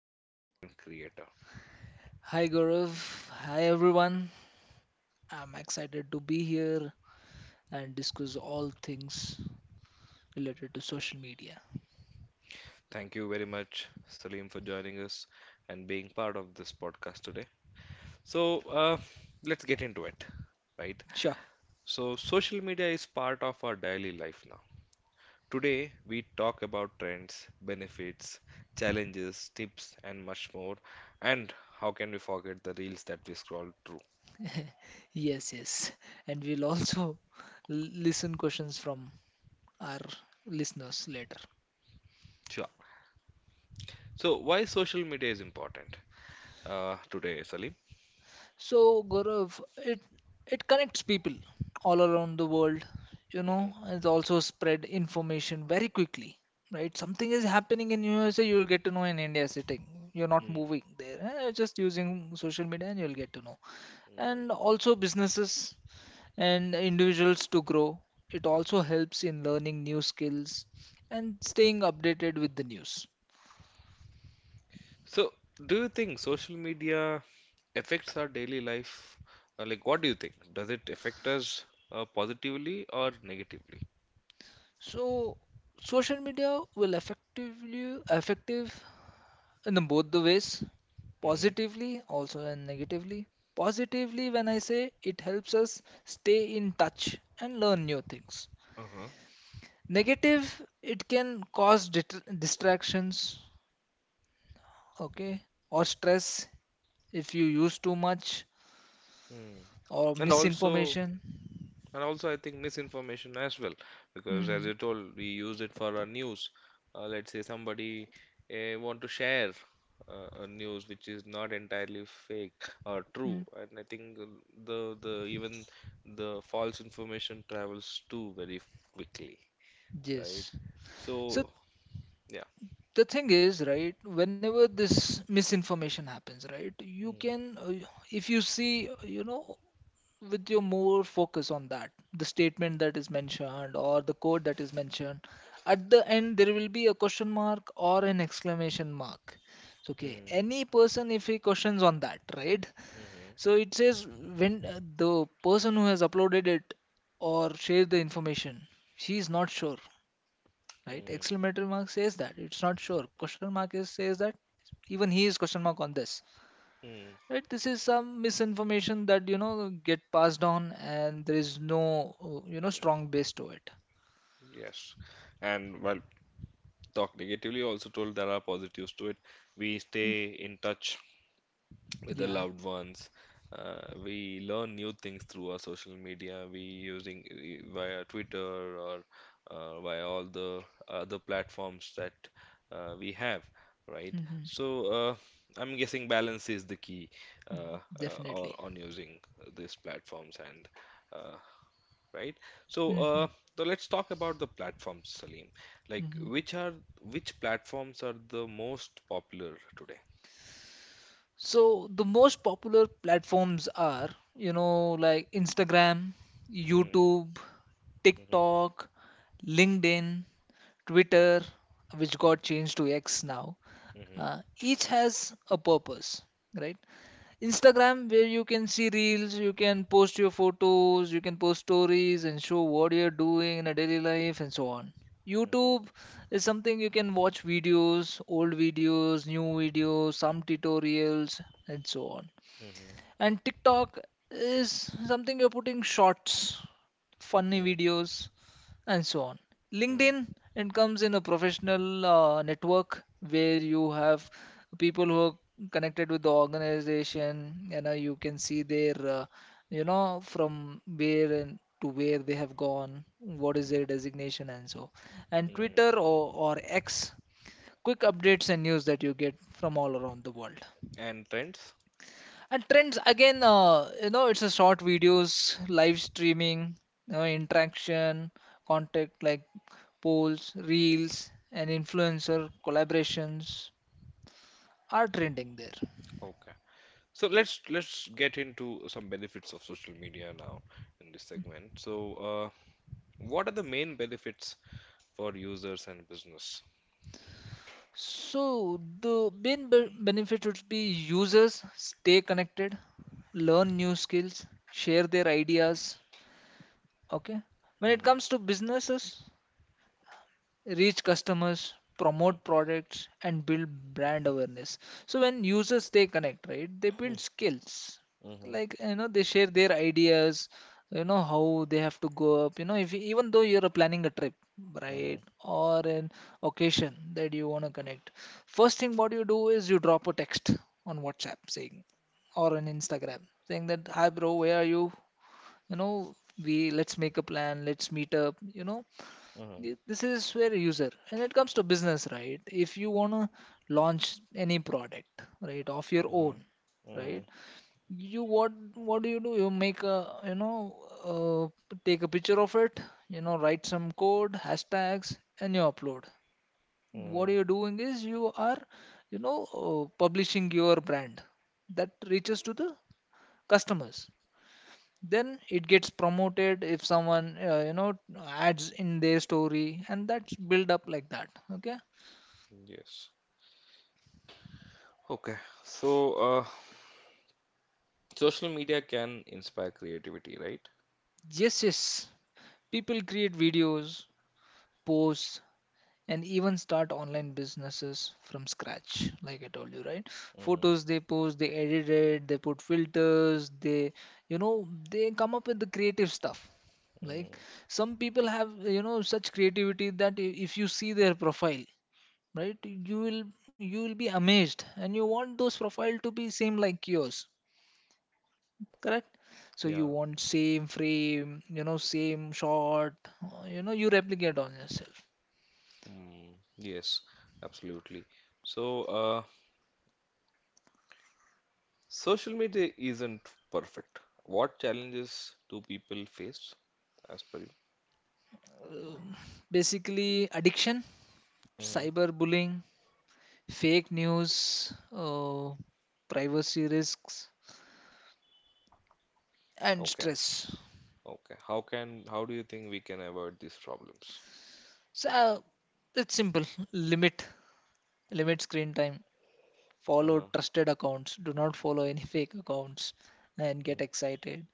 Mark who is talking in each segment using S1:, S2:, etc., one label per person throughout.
S1: and a content creator.
S2: Hi Gaurav, hi everyone. I'm excited to be here and discuss all things related to social media.
S1: Thank you very much, Salim, for joining us and being part of this podcast today. So, uh, let's get into it, right?
S2: Sure.
S1: So, social media is part of our daily life now. Today, we talk about trends, benefits, challenges, tips, and much more. And how can we forget the reels that we scroll through?
S2: Yes, yes. And we'll also listen questions from our listeners later.
S1: Sure. So, why social media is important today, Salim?
S2: So Gaurav, it connects people all around the world, you know, it also spread information very quickly. Right, something is happening in USA, you will get to know in India sitting. You're not
S1: Mm,
S2: moving there. Just using social media and you'll get to know,
S1: mm.
S2: and also businesses and individuals to grow. It also helps in learning new skills and staying updated with the news.
S1: So, do you think social media affects our daily life? Like, what do you think? Does it affect us positively or negatively?
S2: So, social media will effective in the both the ways,
S1: Mm-hmm.
S2: positively also and negatively. Positively, when I say it helps us stay in touch and learn new things.
S1: Uh-huh.
S2: Negative, it can cause distractions, okay, or stress if you use too much,
S1: Mm.
S2: or
S1: And also,
S2: misinformation.
S1: I think misinformation as well, because as
S2: hmm
S1: you told, we use it for our news. Let's say somebody want to share a news which is not entirely fake or true, and I think the even the false information travels too very quickly, right?
S2: Yes.
S1: So,
S2: So
S1: yeah.
S2: the thing is, right, whenever this misinformation happens, right, you
S1: Mm,
S2: can, if you see, you know, with your more focus on that, the statement that is mentioned or the code that is mentioned, at the end there will be a question mark or an exclamation mark. So, okay,
S1: mm,
S2: any person if he questions on that, right,
S1: mhm,
S2: so it says when the person who has uploaded it or shared the information, she is not sure, right?
S1: mm,
S2: Exclamatory mark says that it's not sure. Question mark is says that even he is question mark on this,
S1: mm.
S2: right? This is some misinformation that you know get passed on, and there is no you know strong base to it.
S1: Yes. And while talk negatively, also told there are positives to it. We
S2: Mm,
S1: stay in touch with the
S2: yeah,
S1: loved ones. We learn new things through our social media. We using via Twitter or via all the other platforms that we have, right?
S2: hmm
S1: So I'm guessing balance is the key
S2: definitely.
S1: on using these platforms and uh, right? So, uh,
S2: hmm
S1: so, let's talk about the platforms, Salim. Like,
S2: hmm
S1: which platforms are the most popular today?
S2: So the most popular platforms are, you know, like Instagram,
S1: Mm,
S2: YouTube,
S1: mhm,
S2: TikTok, LinkedIn, Twitter, which
S1: mm,
S2: got changed to X now.
S1: mhm,
S2: Each has a purpose, right? Instagram, where you can see reels, you can post your photos, you can post stories and show what you're doing in a daily life and so on.
S1: mhm,
S2: YouTube is something you can watch videos, old videos, new videos, some tutorials, and so on.
S1: mhm,
S2: And TikTok is something you're putting shorts, funny
S1: mm,
S2: videos, and so on.
S1: mm,
S2: LinkedIn, it comes in a professional network where you have people who are connected with the organization. You know, you can see their, you know, from where and to where they have gone, what is their designation, and so. And
S1: mm.
S2: Twitter or X, quick updates and news that you get from all around the world.
S1: And trends?
S2: And trends again, you know, it's a short videos, live streaming, you know, interaction, contact like polls, reels, and influencer collaborations are trending there.
S1: Okay. So let's get into some benefits of social media now in this segment. So, what are the main benefits for users and business?
S2: So, the main benefit would be users stay connected, learn new skills, share their ideas. Okay, when it
S1: Mhm,
S2: comes to businesses, reach customers, promote products, and build brand awareness. So when users they connect, right, they build skills.
S1: mhm,
S2: Like you know, they share their ideas. You know how they have to go up. You know, if even though you're planning a trip, right,
S1: mhm,
S2: or an occasion that you want to connect, first thing what you do is you drop a text on WhatsApp saying, or on Instagram saying that hi bro, where are you? You know, we let's make a plan, let's meet up. You know, this is where user, and it comes to business, right? If you want to launch any product, right, of your
S1: mhm,
S2: own, right, you, what do you do? You make a, you know, take a picture of it, you know, write some code hashtags and you upload. What
S1: mhm.
S2: you're doing is you are, you know, publishing your brand that reaches to the customers, then it gets promoted if someone, you know, adds in their story, and that's build up like that, okay.
S1: Yes. Okay. So, social media can inspire creativity, right?
S2: Yes, yes, people create videos, posts, and even start online businesses from scratch, like I told you, right?
S1: Hmm.
S2: Photos they post, they edit it, they put filters, they, you know, they come up with the creative stuff. Like, some people have, you know, such creativity that if you see their profile, right, you will be amazed and you want those profile to be same like yours. Correct. So you
S1: Yeah.
S2: want same frame, you know, same shot, you know, you replicate on yourself.
S1: Mm, yes, absolutely. So, social media isn't perfect. What challenges do people face, as per you?
S2: Basically, addiction,
S1: Hmm.
S2: cyberbullying, fake news, privacy risks, and
S1: Okay.
S2: stress.
S1: Okay. How do you think we can avoid these problems?
S2: So, it's simple. limit Limit screen time, follow
S1: Uh-huh.
S2: trusted accounts, do not follow any fake accounts, and get
S1: Mm,
S2: excited.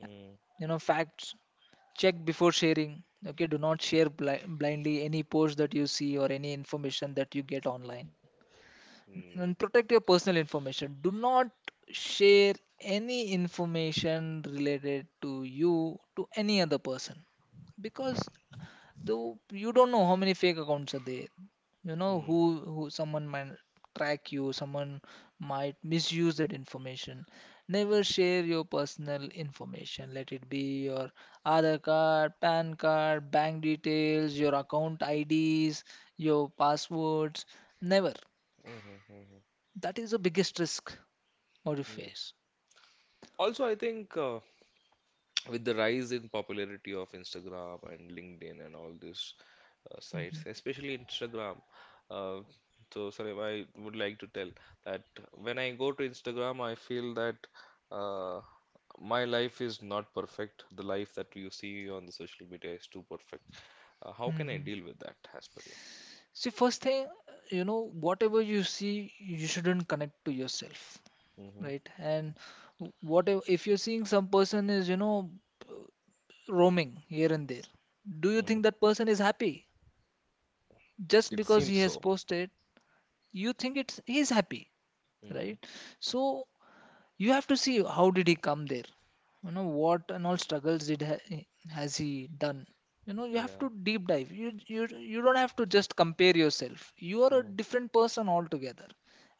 S1: mm,
S2: You know, facts check before sharing. Okay, do not share blindly any post that you see or any information that you get online. And
S1: mm,
S2: protect your personal information. Do not share any information related to you to any other person, because though you don't know how many fake accounts are there, you know,
S1: mm,
S2: who someone might track you, someone might misuse that information. Never
S1: mm,
S2: share your personal information. Let it be your aadhar card, pan card, bank details, your account ids, your passwords, never.
S1: mhm, mhm.
S2: That is the biggest risk what you
S1: Yeah.
S2: face.
S1: Also, I think with the rise in popularity of Instagram and LinkedIn and all these sites,
S2: Mhm.
S1: especially Instagram. Uh, so, Salim, I would like to tell that when I go to Instagram, I feel that uh, my life is not perfect. The life that you see on the social media is too perfect. How can I
S2: Mhm.
S1: deal with that, as per you?
S2: See, first thing, you know, whatever you see, you shouldn't connect to yourself,
S1: Hmm.
S2: right? And what if you're seeing some person is, you know, roaming here and there, do you
S1: Mm.
S2: think that person is happy just
S1: It
S2: because
S1: seems
S2: he has
S1: so.
S2: posted? You think it's he's happy,
S1: Hmm.
S2: right? So you have to see how did he come there, you know, what and all struggles has he done. You know, you have
S1: Yeah.
S2: to deep dive. You don't have to just compare yourself. You are a
S1: Mm.
S2: different person altogether,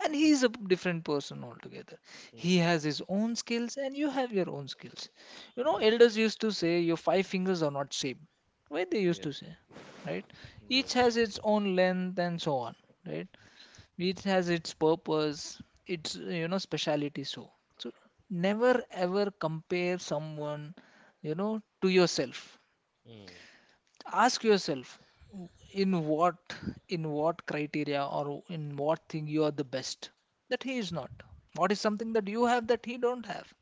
S2: and he is a different person altogether. He
S1: Mm.
S2: has his own skills and you have your own skills. You know,
S1: Yeah.
S2: elders used to say your five fingers are not same. Why they
S1: Yeah.
S2: used to say, right? Each
S1: Yes.
S2: has its own length and so on, right? Each has its purpose, its, you know, speciality. So, so never ever compare someone, you know, to yourself.
S1: Mm.
S2: Ask yourself, in what, in what criteria or in what thing you are the best that he is not. What is something that you have that he don't have?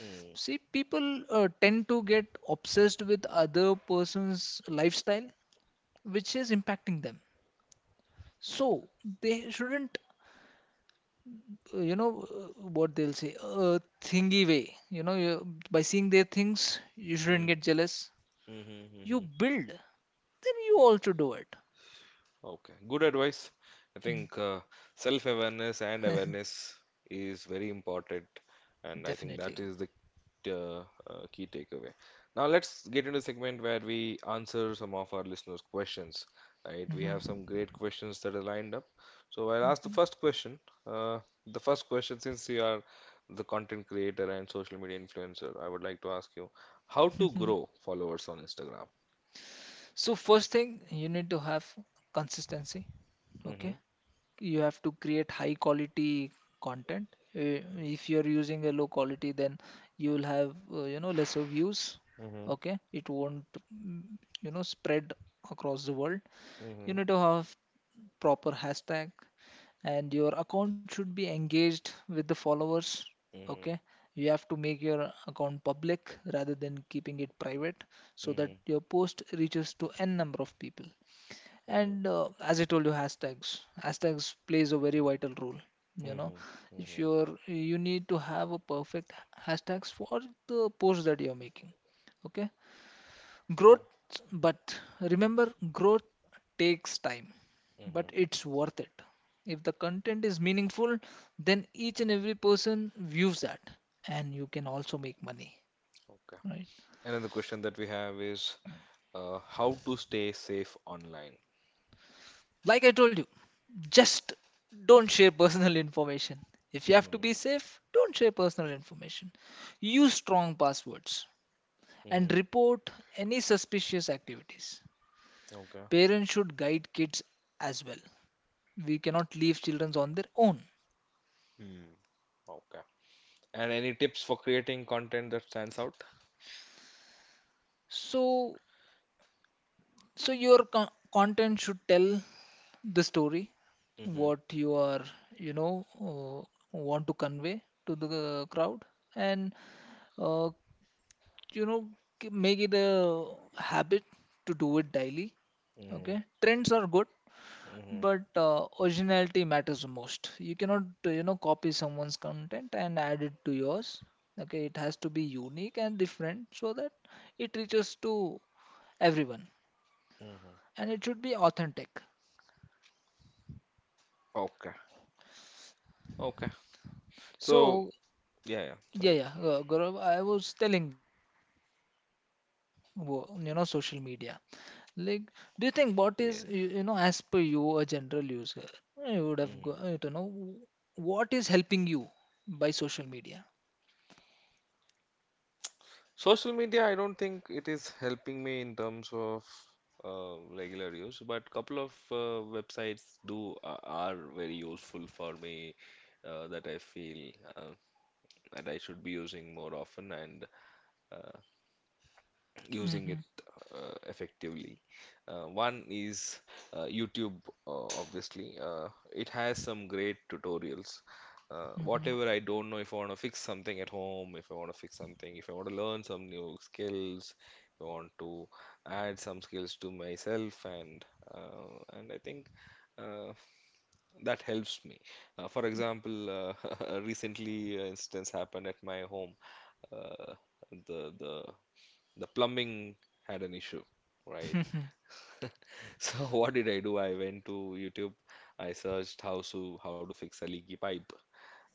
S1: Mm,
S2: See, people tend to get obsessed with other person's lifestyle, which is impacting them. So they shouldn't, you know, what they'll say, thingy way, you know, you, by seeing their things you shouldn't
S1: mm,
S2: get jealous.
S1: mm-hmm,
S2: You
S1: mm-hmm.
S2: build, then you also do it.
S1: Okay, good advice. I
S2: Mm,
S1: think self-awareness and awareness is very important, and I think that
S2: definitely.
S1: is the uh, key takeaway. Now let's get into the segment where we answer some of our listeners' questions. Right, we have
S2: Mhm.
S1: some great questions that are lined up. So I'll ask the first question. Uh, the first question, since you are the content creator and social media influencer, I would like to ask you how to
S2: Mhm.
S1: grow followers on Instagram.
S2: So first thing, you need to have consistency. Okay, you have to create high quality content. If you're using a low quality, then you'll have, you know, lesser views.
S1: Mhm.
S2: Okay, it won't you know, spread across the world. You
S1: Mhm.
S2: need to have proper hashtag, and your account should be engaged with the followers. Okay,
S1: Mhm.
S2: you have to make your account public rather than keeping it private, so that
S1: Mhm.
S2: your post reaches to n number of people.
S1: Mhm.
S2: And as I told you, hashtags plays a very vital role, you know.
S1: Mhm.
S2: If
S1: Mhm.
S2: you're, you need to have a perfect hashtags for the post that you're making. Okay. Growth,
S1: Okay.
S2: but remember, growth takes time, but
S1: Mhm.
S2: it's worth it. If the content is meaningful, then each and every person views that, and you can also make money,
S1: Okay.
S2: right?
S1: Another question that we have is how to stay safe online.
S2: Like I told you, just don't share personal information. If you have to
S1: Mhm.
S2: be safe, don't share personal information. Use strong passwords and
S1: Mhm.
S2: report any suspicious activities.
S1: Okay.
S2: Parents should guide kids as well. We cannot leave children on their own.
S1: Hmm. Okay. And any tips for creating content that stands out?
S2: So, so your content should tell the story,
S1: Mhm.
S2: what you are, you know, want to convey to the crowd, and uh, you know, make it a habit to do it daily.
S1: Mhm.
S2: Okay, trends are good,
S1: Mhm.
S2: but originality matters the most. You cannot, you know, copy someone's content and add it to yours. Okay, it has to be unique and different so that it reaches to everyone,
S1: Mhm.
S2: and it should be authentic.
S1: Okay. Okay. So,
S2: So
S1: yeah, yeah.
S2: yeah,
S1: Sorry.
S2: yeah, Gaurav, I was telling right. Even you use, you know, social media. Like, do you think what
S1: Yes.
S2: is you, you know, as per you, a general user, I would have go,
S1: Mhm.
S2: to know what is helping you by social media.
S1: Social media, I don't think it is helping me in terms of regular use, but couple of websites do are very useful for me that I feel that I should be using more often, and uh, using
S2: Mm-hmm.
S1: it effectively. One is YouTube, obviously. It has some great tutorials. Whatever I don't know, if I want to fix something at home, if I want to fix something, if I want to learn some new skills, if I want to add some skills to myself, and uh, and I think uh, that helps me. For example, recently, an instance happened at my home. Uh, the the the plumbing had an issue, right?
S2: Mm-hmm.
S1: So what did I do? I went to YouTube. I searched how to fix a leaky pipe,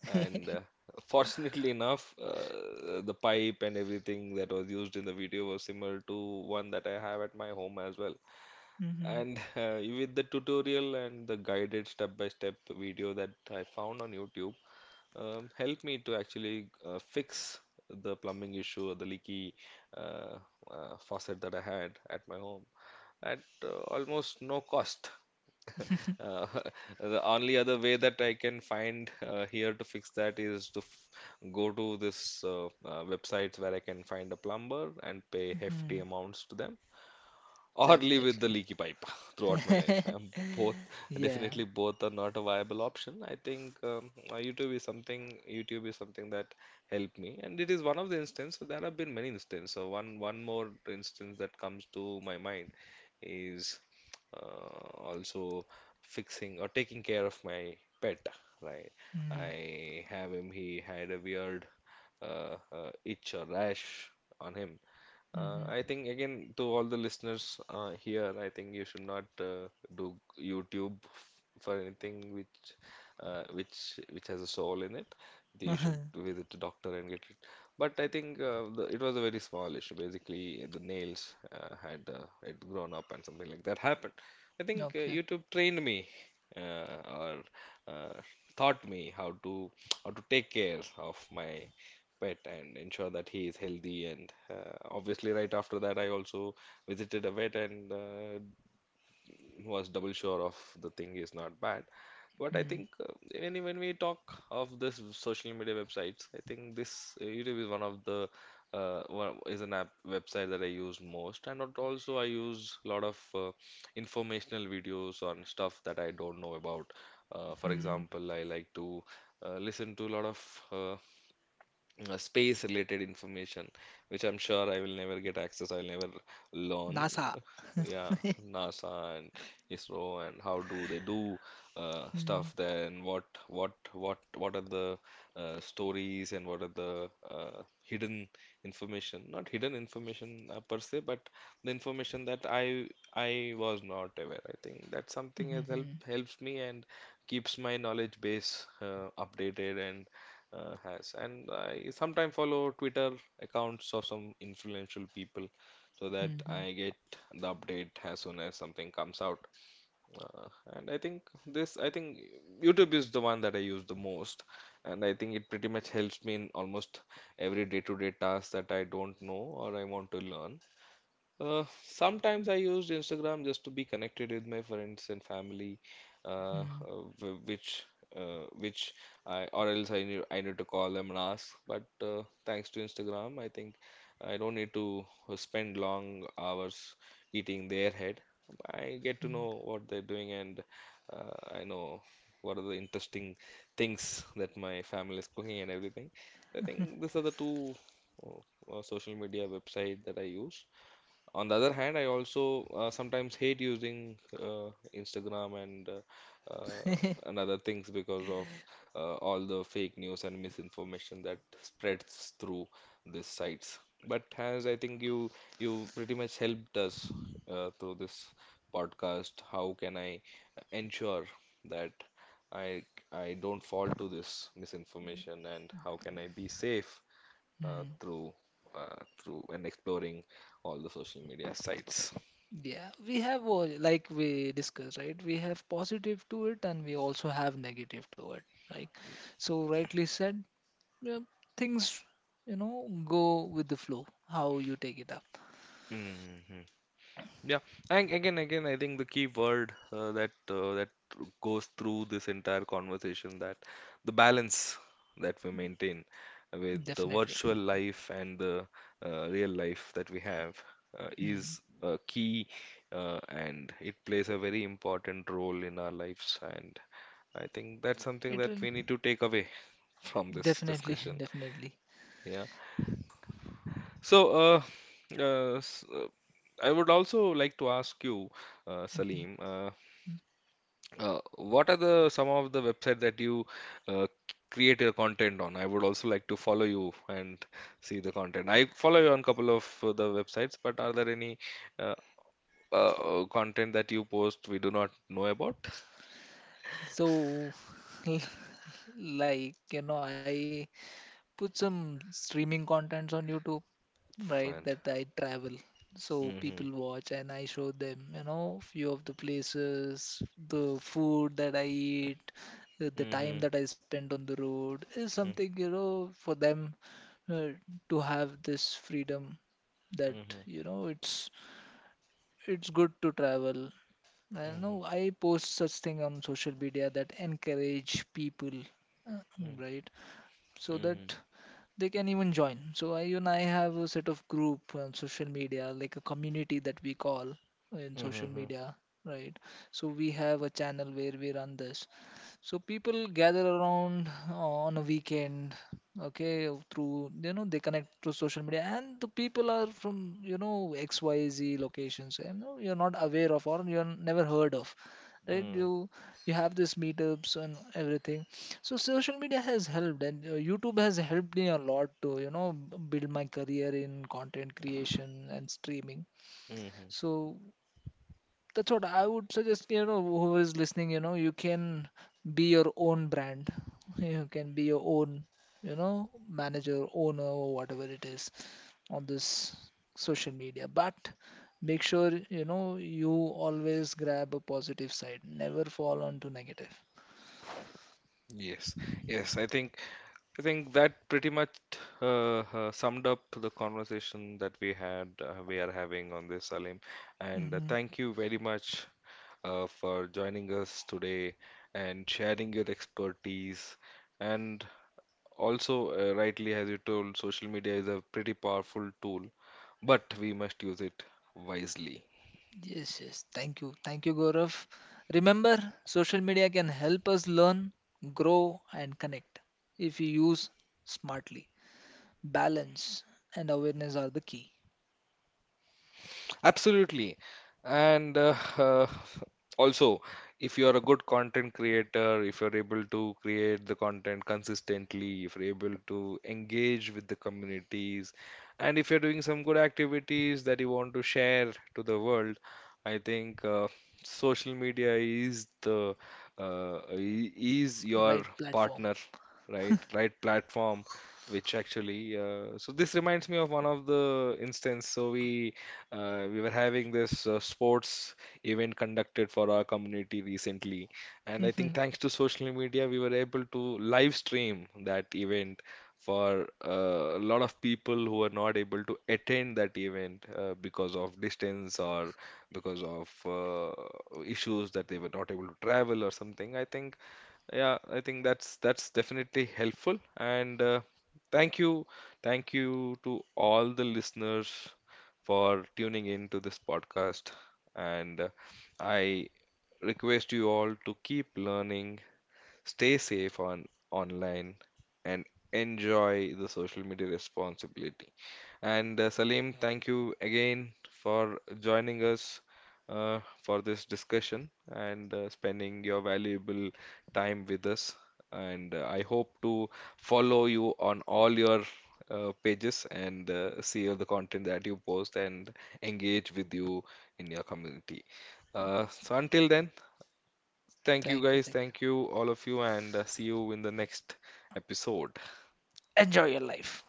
S1: and fortunately enough, the pipe and everything that was used in the video was similar to one that I have at my home as well.
S2: Mm-hmm.
S1: And with the tutorial and the guided step-by-step video that I found on YouTube, helped me to actually fix the plumbing issue or the leaky uh, faucet that I had at my home at almost no cost. Uh, the only other way that I can find here to fix that is to f go to this websites where I can find a plumber and pay hefty
S2: Mm-hmm.
S1: amounts to them or live
S2: Definitely.
S1: with the leaky pipe throughout my life. Both
S2: Yeah.
S1: Definitely both are not a viable option. I think YouTube is something that helped me, and it is one of the instances. So there have been many instances. So one one more instance that comes to my mind is uh, also fixing or taking care of my pet. Right,
S2: Mm-hmm.
S1: I have him. He had a weird itch or rash on him. I think again to all the listeners here, I think you should not do YouTube for anything which has a soul in it. You should
S2: Mm-hmm.
S1: visit a doctor and get it. But I think it was a very small issue. Basically, the nails had grown up and something like that happened. I think
S2: Okay.
S1: YouTube trained me or uh, taught me how to take care of my pet and ensure that he is healthy and obviously right after that I also visited a vet and was double sure of the thing is not bad. But I think when we talk of this social media websites, I think this YouTube is one of the is an app website that I use most, and not also I use a lot of informational videos on stuff that I don't know about. For
S2: Mm-hmm.
S1: example, I like to listen to a lot of uh, space related information which I'm sure I will never get access. I'll never learn.
S2: NASA.
S1: Yeah, NASA and ISRO and how do they do
S2: Mm-hmm.
S1: stuff there and what what are the stories and what are the uh, hidden information not hidden information per se but the information that I was not aware. I think that's something that helps me and keeps my knowledge base updated and has. And I sometimes follow Twitter accounts of some influential people so that
S2: Mm-hmm.
S1: I get the update as soon as something comes out. Uh, and I think YouTube is the one that I use the most, and I think it pretty much helps me in almost every day-to-day task that I don't know or I want to learn. Sometimes I used Instagram just to be connected with my friends and family, uh,
S2: Mm-hmm.
S1: uh, which which I or else I need to call them and ask. But thanks to Instagram, I think I don't need to spend long hours eating their head. I get to know what they're doing, and I know what are the interesting things that my family is cooking and everything. So I think these are the two social media website that I use. On the other hand, I also sometimes hate using Instagram uh, and other things because of all the fake news and misinformation that spreads through these sites. But as I think you pretty much helped us through this podcast, how can I ensure that I I don't fall to this misinformation and how can I be safe uh,
S2: Hmm.
S1: through through and exploring all the social media sites.
S2: Yeah, we have all, like we discussed, right? We have positive to it and we also have negative to it, right? So, rightly said, yeah, things, you know, go with the flow, how you take it up.
S1: Hmm. Yeah, and again, I think the key word that goes through this entire conversation that the balance that we maintain with the
S2: Definitely.
S1: virtual life and the real life that we have
S2: Hmm.
S1: is a key, and it plays a very important role in our lives. And I think that's something
S2: It
S1: that
S2: really,
S1: we need to take away from this
S2: definitely,
S1: discussion.
S2: definitely.
S1: Yeah. So, uh, uh, s- uh, I would also like to ask you,
S2: Mhm.
S1: Salim,
S2: Mm.
S1: what are the some of the website that you uh, create your content on? I would also like to follow you and see the content. I follow you on couple of the websites, but are there any uh, content that you post we do not know about?
S2: So, like, you know, I put some streaming contents on YouTube, right, that
S1: And.
S2: I travel, so
S1: Mm-hmm,
S2: people watch and I show them, you know, few of the places, the food that I eat, the
S1: mm-hmm,
S2: time that I spend on the road is something, you know, for them, uh, to have this freedom that,
S1: mm-hmm,
S2: you know, it's good to travel. I
S1: mm-hmm,
S2: know I post such thing on social media that encourage people, uh, right, so
S1: mm-hmm, mm-hmm,
S2: that they can even join. So I, you and I have a set of group on social media, like a community that we call in
S1: mm-hmm,
S2: social
S1: mm-hmm.
S2: media, right? So we have a channel where we run this. So people gather around on a weekend, okay, through, you know, they connect through social media, and the people are from, you know, XYZ locations, and you know, you're not aware of or you're never heard of, right?
S1: Mm-hmm,
S2: You have these meetups and everything. So social media has helped, and YouTube has helped me a lot to, you know, build my career in content creation and streaming.
S1: mm-hmm.
S2: So that's what I would suggest. You know, who is listening, you know, you can be your own brand. You can be your own, you know, manager, owner, or whatever it is on this social media. But make sure, you know, you always grab a positive side. Never fall onto negative.
S1: Yes, yes, I think. I think that pretty much summed up the conversation that we are having on this, Salim. And
S2: Mm-hmm.
S1: thank you very much for joining us today and sharing your expertise. And also, rightly, as you told, social media is a pretty powerful tool, but we must use it wisely.
S2: Yes, yes. Thank you. Thank you, Gaurav. Remember, social media can help us learn, grow, and connect if we use smartly. Balance and awareness are the key.
S1: Absolutely. And also, if you're a good content creator, if you're able to create the content consistently, if you're able to engage with the communities, and if you're doing some good activities that you want to share to the world, I think social media is is
S2: The
S1: your
S2: right platform.
S1: partner, right platform which actually so this reminds me of one of the instance so we were having this sports event conducted for our community recently and I think
S2: Thank
S1: thanks to social media we were able to live stream that event for a lot of people who are not able to attend that event because of distance or because of issues that they were not able to travel or something. I think, yeah, I think that's definitely helpful. And thank you, thank you to all the listeners for tuning in to this podcast. And I request you all to keep learning. Stay safe on online and enjoy the social media responsibility. And Salim, thank you again for joining us for this discussion and spending your valuable time with us. And I hope to follow you on all your pages and see all the content that you post and engage with you in your community. So until then. Thank
S2: you,
S1: you guys.
S2: thank
S1: Thank you all of you and see you in the next episode.
S2: you. Enjoy your life.